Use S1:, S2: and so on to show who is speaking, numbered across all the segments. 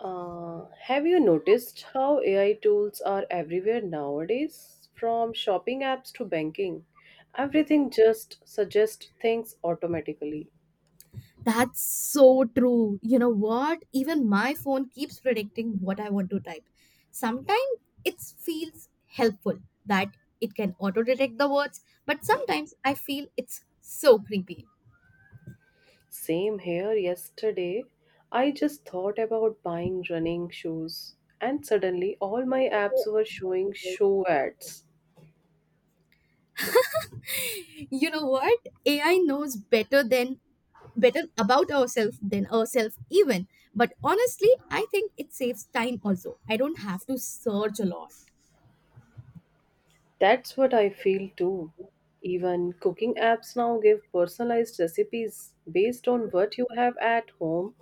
S1: Have you noticed how AI tools are everywhere nowadays? From shopping apps to banking, everything just suggests things automatically.
S2: That's so true. You know what? Even my phone keeps predicting what I want to type. Sometimes it feels helpful that it can auto detect the words, but sometimes I feel it's so creepy.
S1: Same here yesterday. I just thought about buying running shoes, and suddenly all my apps were showing show ads.
S2: You know what? AI knows better about ourselves than ourselves even. But honestly, I think it saves time also. I don't have to search a lot.
S1: That's what I feel too. Even cooking apps now give personalized recipes based on what you have at home.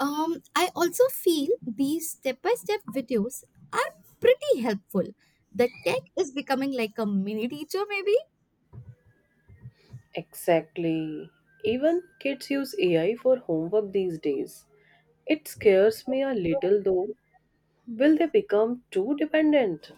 S2: I also feel these step by step videos are pretty helpful. The tech is becoming like a mini teacher, maybe.
S1: Exactly. Even kids use AI for homework these days. It scares me a little though. Will they become too dependent?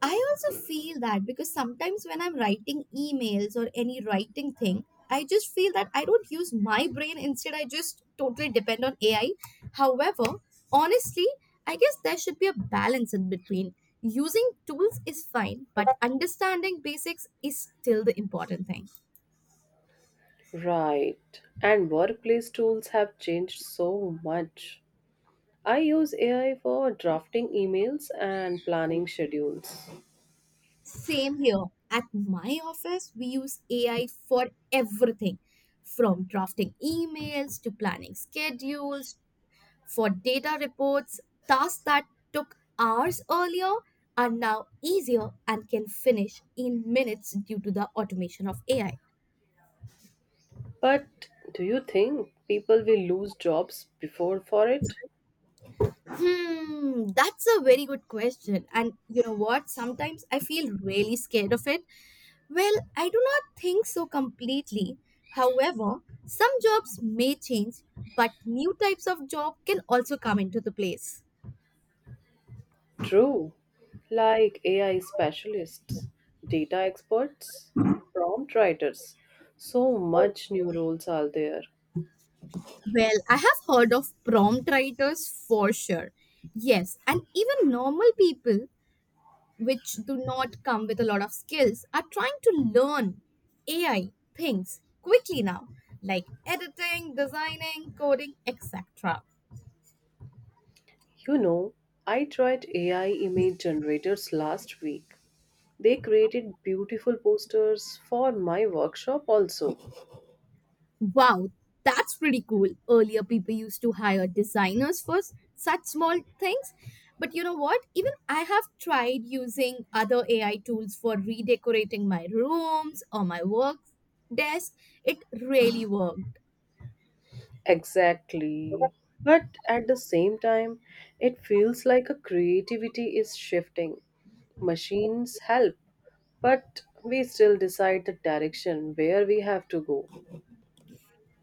S2: I also feel that because sometimes when I'm writing emails or any writing thing, I just feel that I don't use my brain. Instead, I just totally depend on AI. However, honestly, I guess there should be a balance in between. Using tools is fine, but understanding basics is still the important thing.
S1: Right. And workplace tools have changed so much. I use AI for drafting emails and planning schedules.
S2: Same here. At my office, we use AI for everything from drafting emails to planning schedules, for data reports. Tasks that took hours earlier are now easier and can finish in minutes due to the automation of AI.
S1: But do you think people will lose jobs before for it?
S2: That's a very good question. And you know what? Sometimes I feel really scared of it. Well, I do not think so completely. However, some jobs may change, but new types of job can also come into the place.
S1: True, like AI specialists, data experts, prompt writers. So much new roles are there.
S2: Well, I have heard of prompt writers for sure. Yes, and even normal people which do not come with a lot of skills, are trying to learn AI things quickly now, like editing, designing, coding, etc.
S1: You know, I tried AI image generators last week. They created beautiful posters for my workshop also.
S2: Wow, that's pretty cool. Earlier, people used to hire designers for such small things. But you know what? Even I have tried using other AI tools for redecorating my rooms or my work desk. It really worked.
S1: Exactly. But at the same time, it feels like a creativity is shifting. Machines help, but we still decide the direction where we have to go.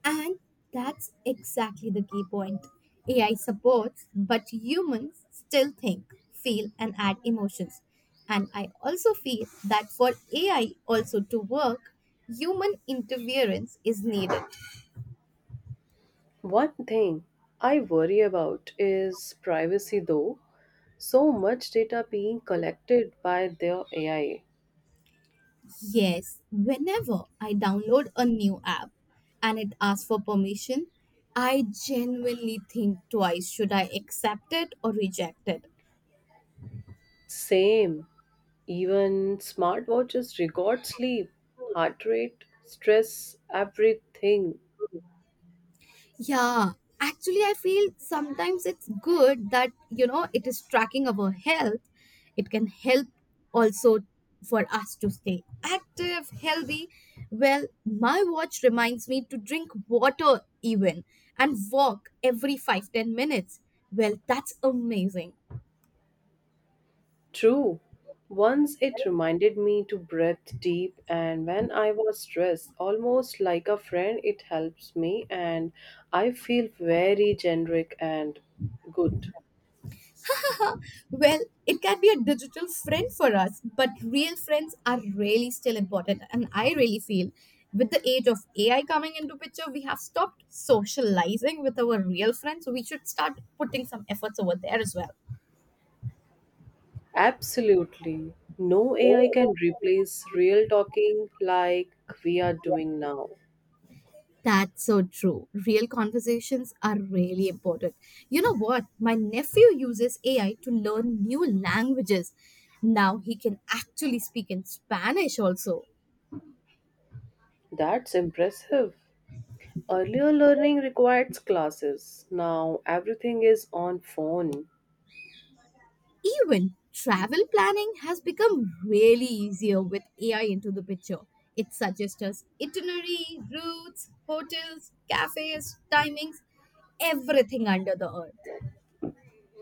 S2: And that's exactly the key point. AI supports, but humans still think, feel, and add emotions. And I also feel that for AI also to work, human interference is needed.
S1: One thing I worry about is privacy though. So much data being collected by their AI.
S2: Yes, whenever I download a new app and it asks for permission, I genuinely think twice should I accept it or reject it?
S1: Same. Even smartwatches record sleep, heart rate, stress, everything.
S2: Yeah, actually, I feel sometimes it's good that, you know, it is tracking our health. It can help also for us to stay active, healthy. Well, my watch reminds me to drink water even and walk every 5-10 minutes. Well, that's amazing.
S1: True. Once it reminded me to breathe deep, and when I was stressed, almost like a friend, it helps me, and I feel very generic and good.
S2: Well, it can be a digital friend for us, but real friends are really still important. And I really feel with the age of AI coming into picture, we have stopped socializing with our real friends. So we should start putting some efforts over there as well.
S1: Absolutely. No AI can replace real talking like we are doing now.
S2: That's so true. Real conversations are really important. You know what? My nephew uses AI to learn new languages. Now he can actually speak in Spanish also.
S1: That's impressive. Earlier learning required classes. Now everything is on phone.
S2: Even travel planning has become really easier with AI into the picture. It suggests us itinerary, routes, hotels, cafes, timings, everything under the earth.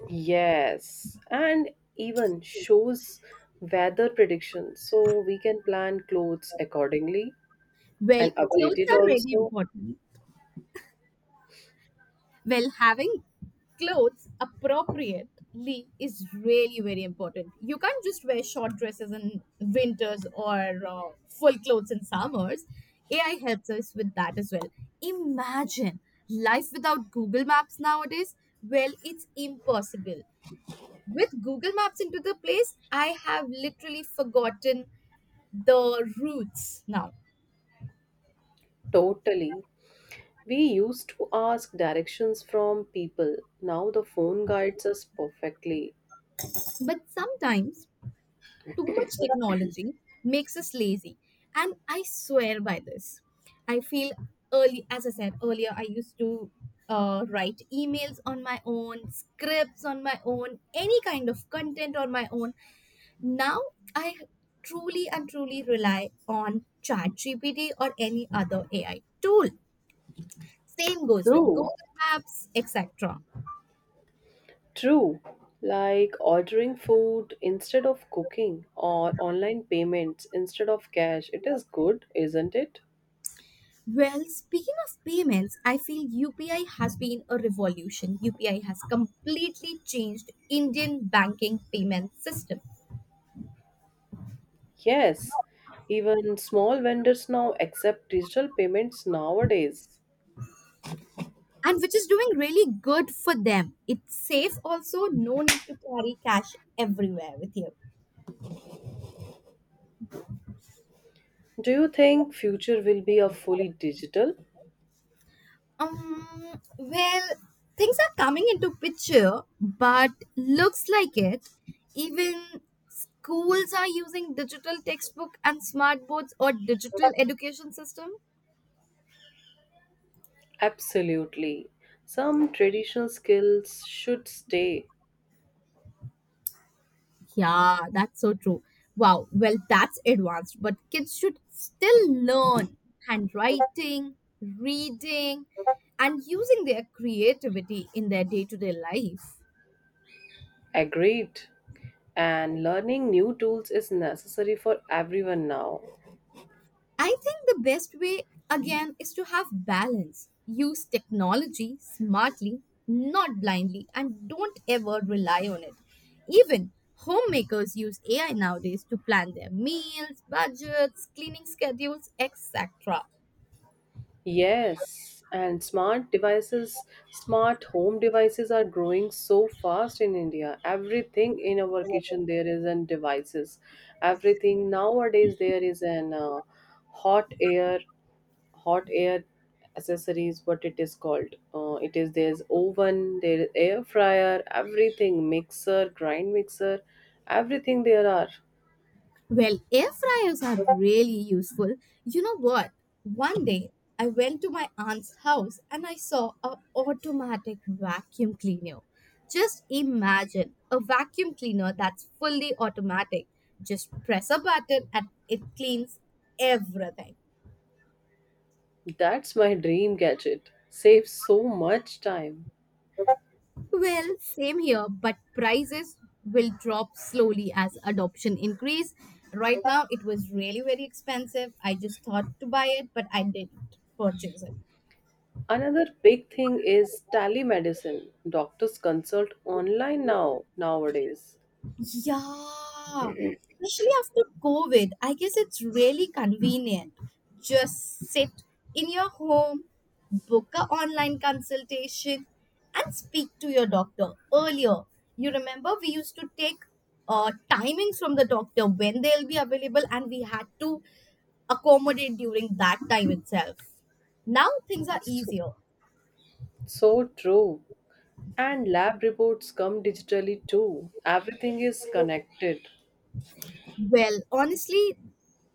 S1: Yes, and even shows weather predictions so we can plan clothes accordingly
S2: Well,
S1: and update
S2: clothes
S1: it
S2: are really
S1: also.
S2: important. Well, having clothes appropriately is really very important. You can't just wear short dresses in winters or uh, full clothes in summers. AI helps us with that as well. Imagine life without Google Maps nowadays. Well, it's impossible. With Google Maps into the place, I have literally forgotten the routes now.
S1: Totally. We used to ask directions from people. Now the phone guides us perfectly.
S2: But sometimes too much technology makes us lazy. And I swear by this. I feel early, as I said earlier, I used to write emails on my own, scripts on my own, any kind of content on my own. Now I truly and truly rely on ChatGPT or any other AI tool. Same goes with
S1: True.
S2: Google Maps, etc.
S1: True, like ordering food instead of cooking or online payments instead of cash. It is good, isn't it?
S2: Well, speaking of payments, I feel UPI has been a revolution. UPI has completely changed Indian banking payment system
S1: Yes, even small vendors now accept digital payments nowadays.
S2: and which is doing really good for them. It's safe also, no need to carry cash everywhere with you.
S1: Do you think future will be a fully digital?
S2: Well, things are coming into picture, but looks like it. Even schools are using digital textbook and smart boards or digital education system.
S1: Absolutely. Some traditional skills should stay.
S2: Yeah, that's so true. Wow, well, that's advanced, but kids should still learn handwriting, reading, and using their creativity in their day to day life.
S1: Agreed. And learning new tools is necessary for everyone now.
S2: I think the best way, again, is to have balance. Use technology smartly, not blindly, and don't ever rely on it. Even homemakers use AI nowadays to plan their meals, budgets, cleaning schedules, etc.
S1: Yes, and smart devices, smart home devices are growing so fast in India. Everything in our kitchen there is an devices. Everything nowadays there is an hot air, hot air accessories. What it is called? It is there's oven, there is air fryer, everything mixer, grind mixer, everything there are.
S2: Well, air fryers are really useful. You know what? One day I went to my aunt's house and I saw a automatic vacuum cleaner. Just imagine a vacuum cleaner that's fully automatic. Just press a button and it cleans everything.
S1: That's my dream gadget. Saves so much time.
S2: Well, same here, but prices will drop slowly as adoption increase. Right now it was really very expensive. I just thought to buy it, but I didn't purchase it.
S1: Another big thing is telemedicine. Doctors consult online now nowadays.
S2: Yeah, especially after COVID, I guess it's really convenient. Just sit in your home, book a online consultation, and speak to your doctor earlier. You remember we used to take timings from the doctor when they'll be available, and we had to accommodate during that time itself. Now things are
S1: So,
S2: easier.
S1: so true. And lab reports come digitally too. Everything is connected.
S2: Well, honestly,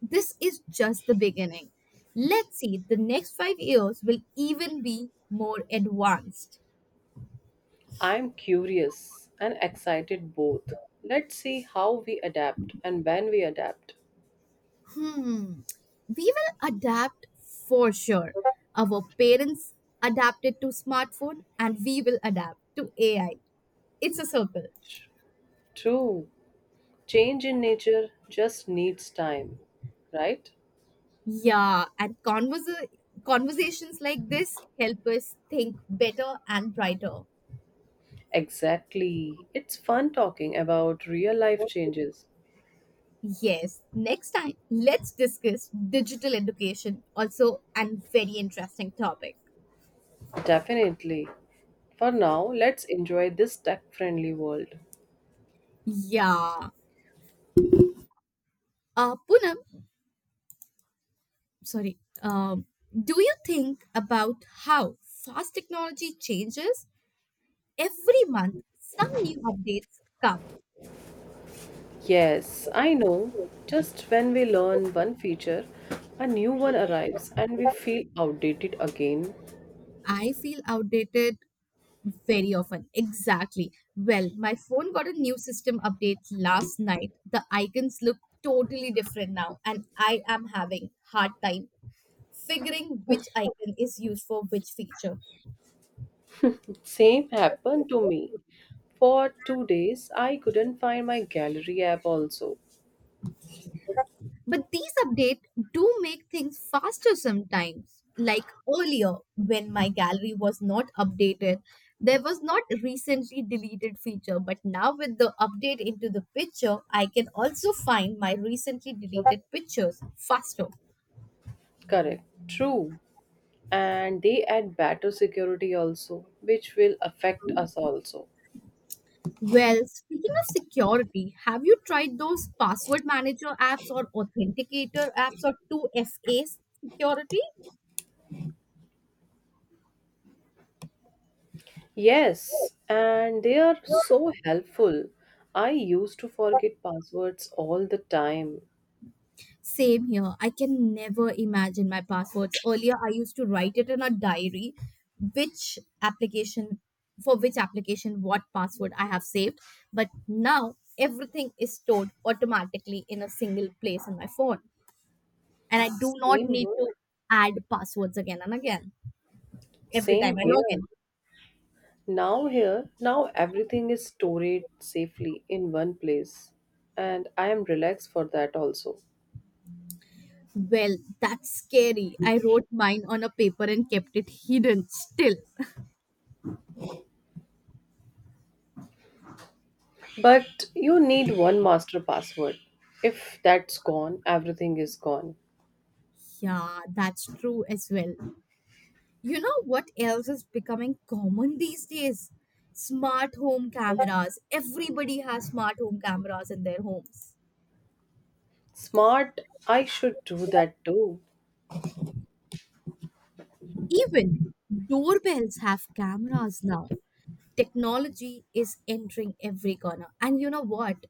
S2: this is just the beginning. Let's see, the next 5 years will even be more advanced.
S1: I'm curious and excited both. Let's see how we adapt and when we adapt.
S2: Hmm, we will adapt for sure. Our parents adapted to smartphone and we will adapt to AI. It's a circle.
S1: True. Change in nature just needs time, right?
S2: Yeah, and conversations like this help us think better and brighter.
S1: Exactly. It's fun talking about real life changes.
S2: Yes, next time let's discuss digital education, also an very interesting topic.
S1: Definitely. For now, let's enjoy this tech friendly world.
S2: Yeah. Poonam, sorry. Do you think about how fast technology changes? Every month, some new updates come.
S1: Yes, I know. Just when we learn one feature, a new one arrives and we feel outdated again.
S2: I feel outdated very often. Exactly. Well, my phone got a new system update last night. The icons look totally different now, and I am having hard time figuring which icon is used for which feature.
S1: Same happened to me. For two days, I couldn't find my gallery app also.
S2: But these updates do make things faster sometimes. Like earlier, when my gallery was not updated, there was not recently deleted feature. But now, with the update into the picture, I can also find my recently deleted pictures faster.
S1: Correct. True. And they add better security also, which will affect us also.
S2: Well, speaking of security, have you tried those password manager apps or authenticator apps or 2FA security?
S1: Yes, and they are so helpful. I used to forget passwords all the time.
S2: Same here. I can never imagine my passwords. Earlier, I used to write it in a diary, which application, for which application, what password I have saved. But now everything is stored automatically in a single place in my phone. And I do not
S1: Same
S2: need
S1: here.
S2: to add passwords again and again every
S1: Same
S2: time I log
S1: here.
S2: in.
S1: Now here, now everything is stored safely in one place. And I am relaxed for that also.
S2: Well, that's scary. I wrote mine on a paper and kept it hidden still.
S1: But you need one master password. If that's gone, everything is gone.
S2: Yeah, that's true as well. You know what else is becoming common these days? Smart home cameras. Everybody has smart home cameras in their homes.
S1: Smart, I should do that too.
S2: Even doorbells have cameras now. Technology is entering every corner. And you know what?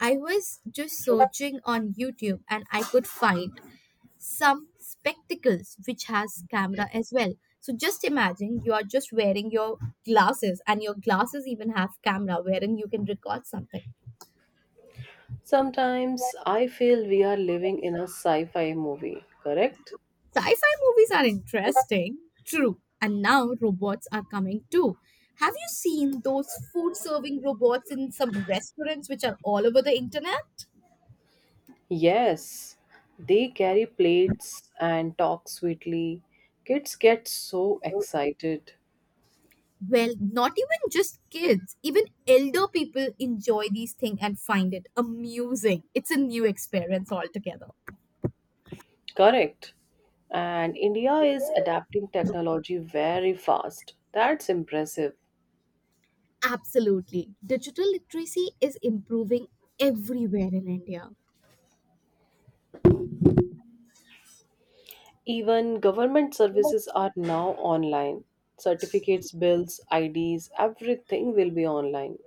S2: I was just searching on YouTube and I could find some spectacles which has camera as well. So just imagine you are just wearing your glasses and your glasses even have camera wherein you can record something.
S1: Sometimes I feel we are living in a sci fi movie, correct?
S2: Sci fi movies are interesting, true. And now robots are coming too. Have you seen those food serving robots in some restaurants which are all over the internet?
S1: Yes, they carry plates and talk sweetly. Kids get so excited.
S2: Well, not even just kids, even elder people enjoy these things and find it amusing. It's a new experience altogether.
S1: Correct. And India is adapting technology very fast. That's impressive.
S2: Absolutely. Digital literacy is improving everywhere in India.
S1: Even government services are now online. Certificates, bills, IDs, everything will be online.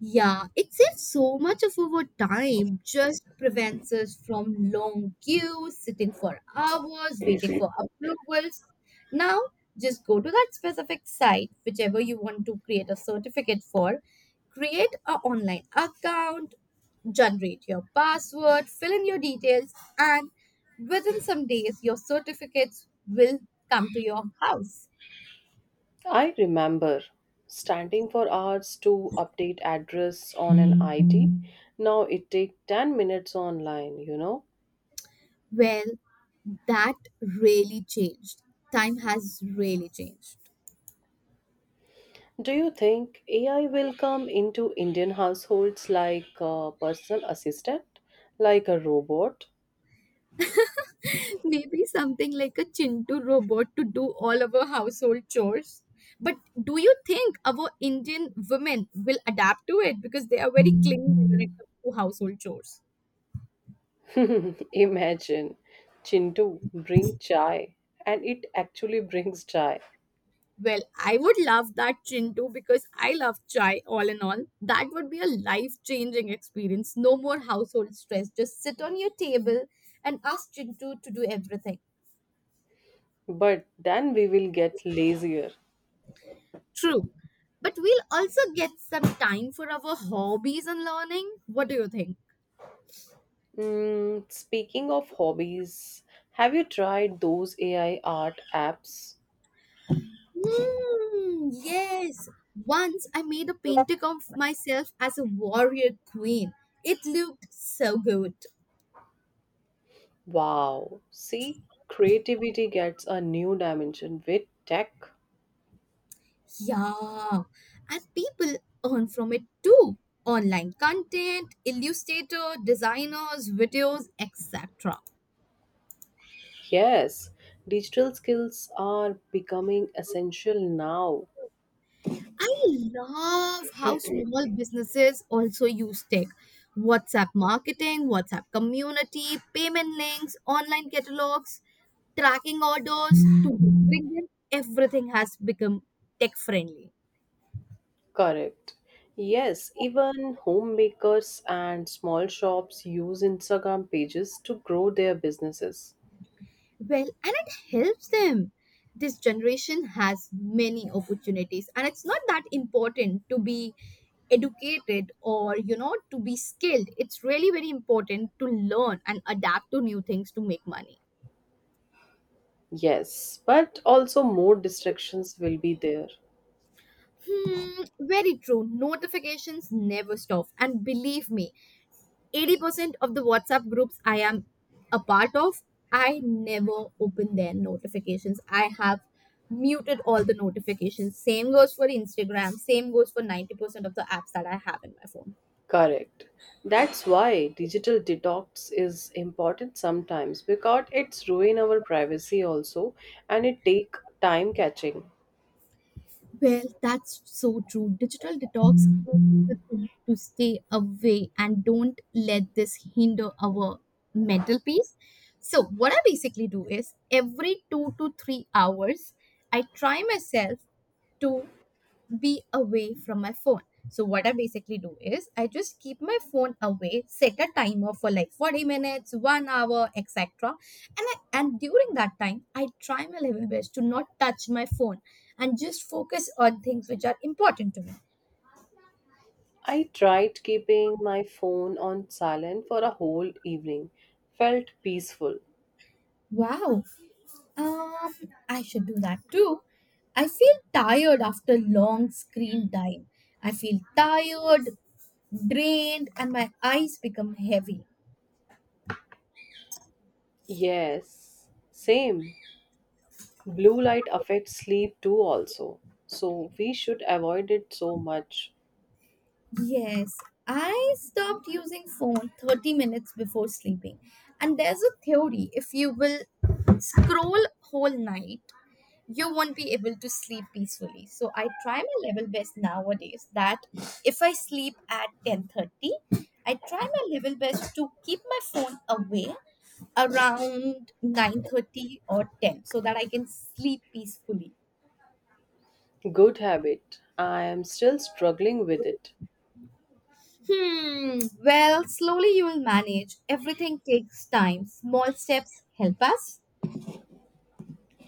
S2: Yeah, it saves so much of our time, just prevents us from long queues, sitting for hours, waiting for approvals. Now, just go to that specific site, whichever you want to create a certificate for, create an online account, generate your password, fill in your details, and within some days, your certificates will come to your house.
S1: I remember standing for hours to update address on an ID. Now it takes 10 minutes online, you know.
S2: Well, that really changed. Time has really changed.
S1: Do you think AI will come into Indian households like a personal assistant, like a robot?
S2: Maybe something like a Chintu robot to do all of our household chores. But do you think our Indian women will adapt to it because they are very clingy when it comes to household chores?
S1: Imagine Chintu bring chai and it actually brings chai.
S2: Well, I would love that Chintu because I love chai all in all. That would be a life changing experience. No more household stress. Just sit on your table and ask Chintu to do everything.
S1: But then we will get lazier.
S2: True. But we'll also get some time for our hobbies and learning. What do you think?
S1: Mm, speaking of hobbies, have you tried those AI art apps?
S2: Hmm, yes. Once I made a painting of myself as a warrior queen. It looked so good.
S1: Wow, see, creativity gets a new dimension with tech.
S2: Yeah. And people earn from it too. Online content, illustrator, designers, videos, etc.
S1: Yes, digital skills are becoming essential now.
S2: I love how small businesses also use tech. WhatsApp marketing, WhatsApp community, payment links, online catalogs, tracking orders to delivering them. Everything has become tech friendly.
S1: Correct. Yes, even homemakers and small shops use Instagram pages to grow their businesses.
S2: Well, and it helps them. This generation has many opportunities, and it's not that important to be educated or you know to be skilled it's really very important to learn and adapt to new things to make money.
S1: Yes, but also more distractions will be there.
S2: Very true. Notifications never stop. And believe me, 80% of the WhatsApp groups I am a part of, I never open their notifications. I have muted all the notifications. Same goes for Instagram. Same goes for 90% of the apps that I have in my phone.
S1: Correct. That's why digital detox is important sometimes because it's ruin our privacy also and it take time catching.
S2: Well, that's so true. Digital detox is the thing to stay away and don't let this hinder our mental peace. So, what I basically do is every 2 to 3 hours, I try myself to be away from my phone. So what I basically do is I just keep my phone away, set a timer for like 40 minutes, 1 hour, etc. And during that time, I try my level best to not touch my phone and just focus on things which are important to me.
S1: I tried keeping my phone on silent for a whole evening. Felt peaceful.
S2: Wow. Um I should do that too. I feel tired after long screen time. I feel tired, drained, and my eyes become heavy.
S1: Yes, same. Blue light affects sleep too, also. So we should avoid it so much.
S2: Yes, I stopped using phone 30 minutes before sleeping. And there's a theory if you will scroll whole night, you won't be able to sleep peacefully. So I try my level best nowadays that if I sleep at 10:30, I try my level best to keep my phone away around 9:30 or 10 so that I can sleep peacefully.
S1: Good habit. I am still struggling with it.
S2: Hmm, well, slowly you will manage. Everything takes time. Small steps help us.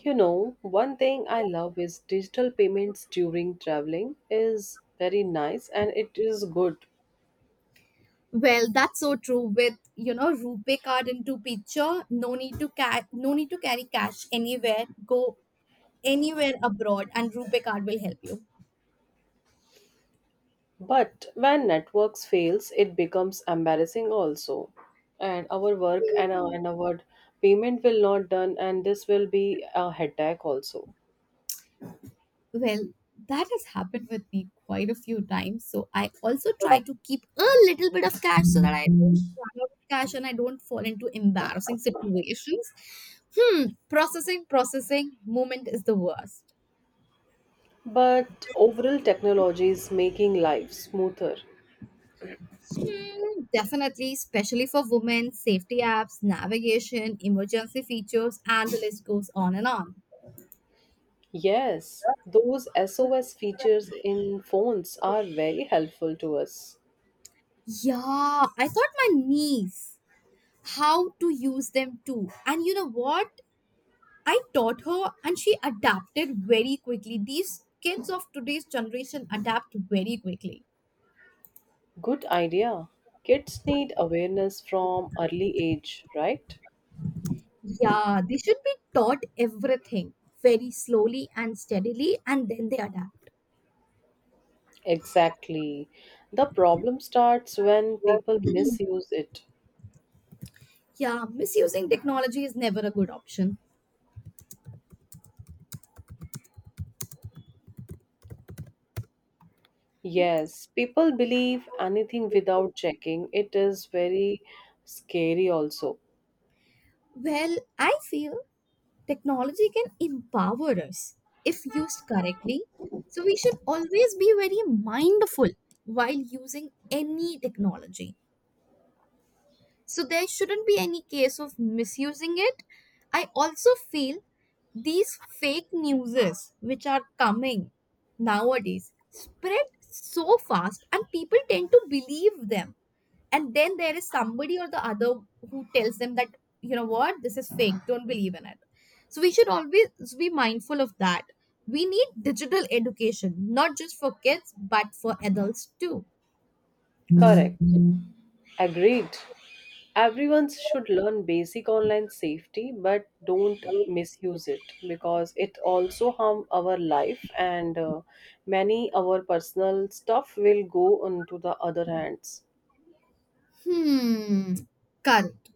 S1: You know, one thing I love is digital payments during traveling is very nice and it is good.
S2: Well, that's so true with, rupee card into picture. No need to carry cash anywhere. Go anywhere abroad and rupee card will help you.
S1: But when networks fails, it becomes embarrassing also. And our work and our payment will not done and this will be a headache also.
S2: Well, that has happened with me quite a few times. So I also try, right, to keep a little bit of cash so that I don't run out of cash and I don't fall into embarrassing situations. Hmm, processing moment is the worst.
S1: But overall technology is making life smoother.
S2: Hmm, definitely, especially for women, safety apps, navigation, emergency features, and the list goes on and on.
S1: Yes, those SOS features in phones are very helpful to us.
S2: Yeah, I thought my niece how to use them too. And you know what? I taught her and she adapted very quickly. These kids of today's generation adapt very quickly.
S1: Good idea. Kids need awareness from early age, right?
S2: Yeah, they should be taught everything very slowly and steadily and then they adapt.
S1: Exactly. The problem starts when people misuse it.
S2: Yeah, misusing technology is never a good option.
S1: Yes, people believe anything without checking. It is very scary, also.
S2: Well, I feel technology can empower us if used correctly. So we should always be very mindful while using any technology. So there shouldn't be any case of misusing it. I also feel these fake newses which are coming nowadays spread so fast and people tend to believe them. And then there is somebody or the other who tells them that, you know what, this is fake, don't believe in it. So we should always be mindful of that. We need digital education, not just for kids, but for adults too.
S1: Correct. Agreed. Everyone should learn basic online safety, but don't misuse it because it also harm our life and many our personal stuff will go onto the other hands.
S2: Hmm, correct.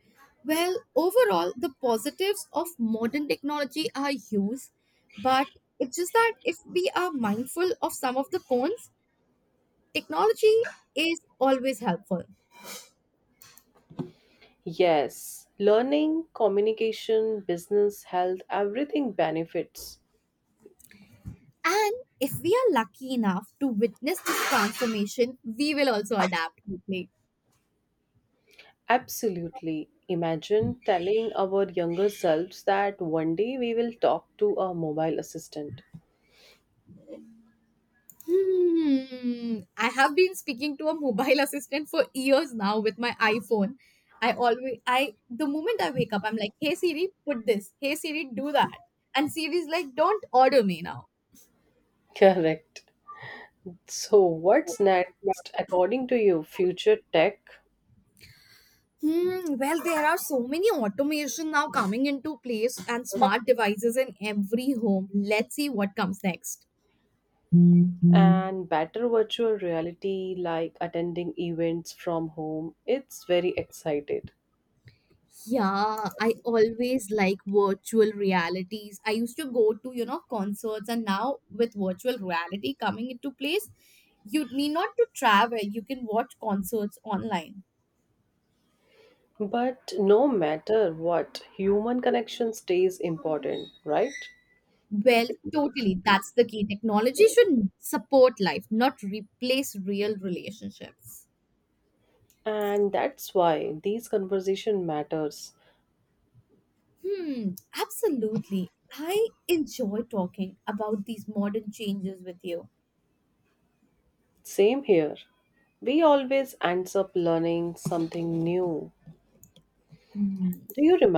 S2: Well, overall, the positives of modern technology are huge, but it's just that if we are mindful of some of the cons, technology is always helpful.
S1: Yes, learning, communication, business, health, everything benefits.
S2: And if we are lucky enough to witness this transformation, we will also adapt quickly.
S1: Absolutely. Imagine telling our younger selves that one day we will talk to a mobile assistant.
S2: Hmm. I have been speaking to a mobile assistant for years now with my iPhone. The moment I wake up, I'm like, hey Siri, put this. Hey Siri, do that. And Siri's like, don't order me now.
S1: Correct. So, what's next according to you? Future tech
S2: Hmm. Well, there are so many automation now coming into place and smart devices in every home. Let's see what comes next.
S1: and better virtual reality, like attending events from home. It's very excited.
S2: Yeah, I always like virtual realities. I used to go to, concerts and now with virtual reality coming into place, you need not to travel. You can watch concerts online.
S1: But no matter what, human connection stays important, right?
S2: Well, totally. That's the key. Technology should support life, not replace real relationships.
S1: And that's why these conversation matters.
S2: Hmm, absolutely. I enjoy talking about these modern changes with you.
S1: Same here. We always ends up learning something new.
S2: Hmm.
S1: Do you remember?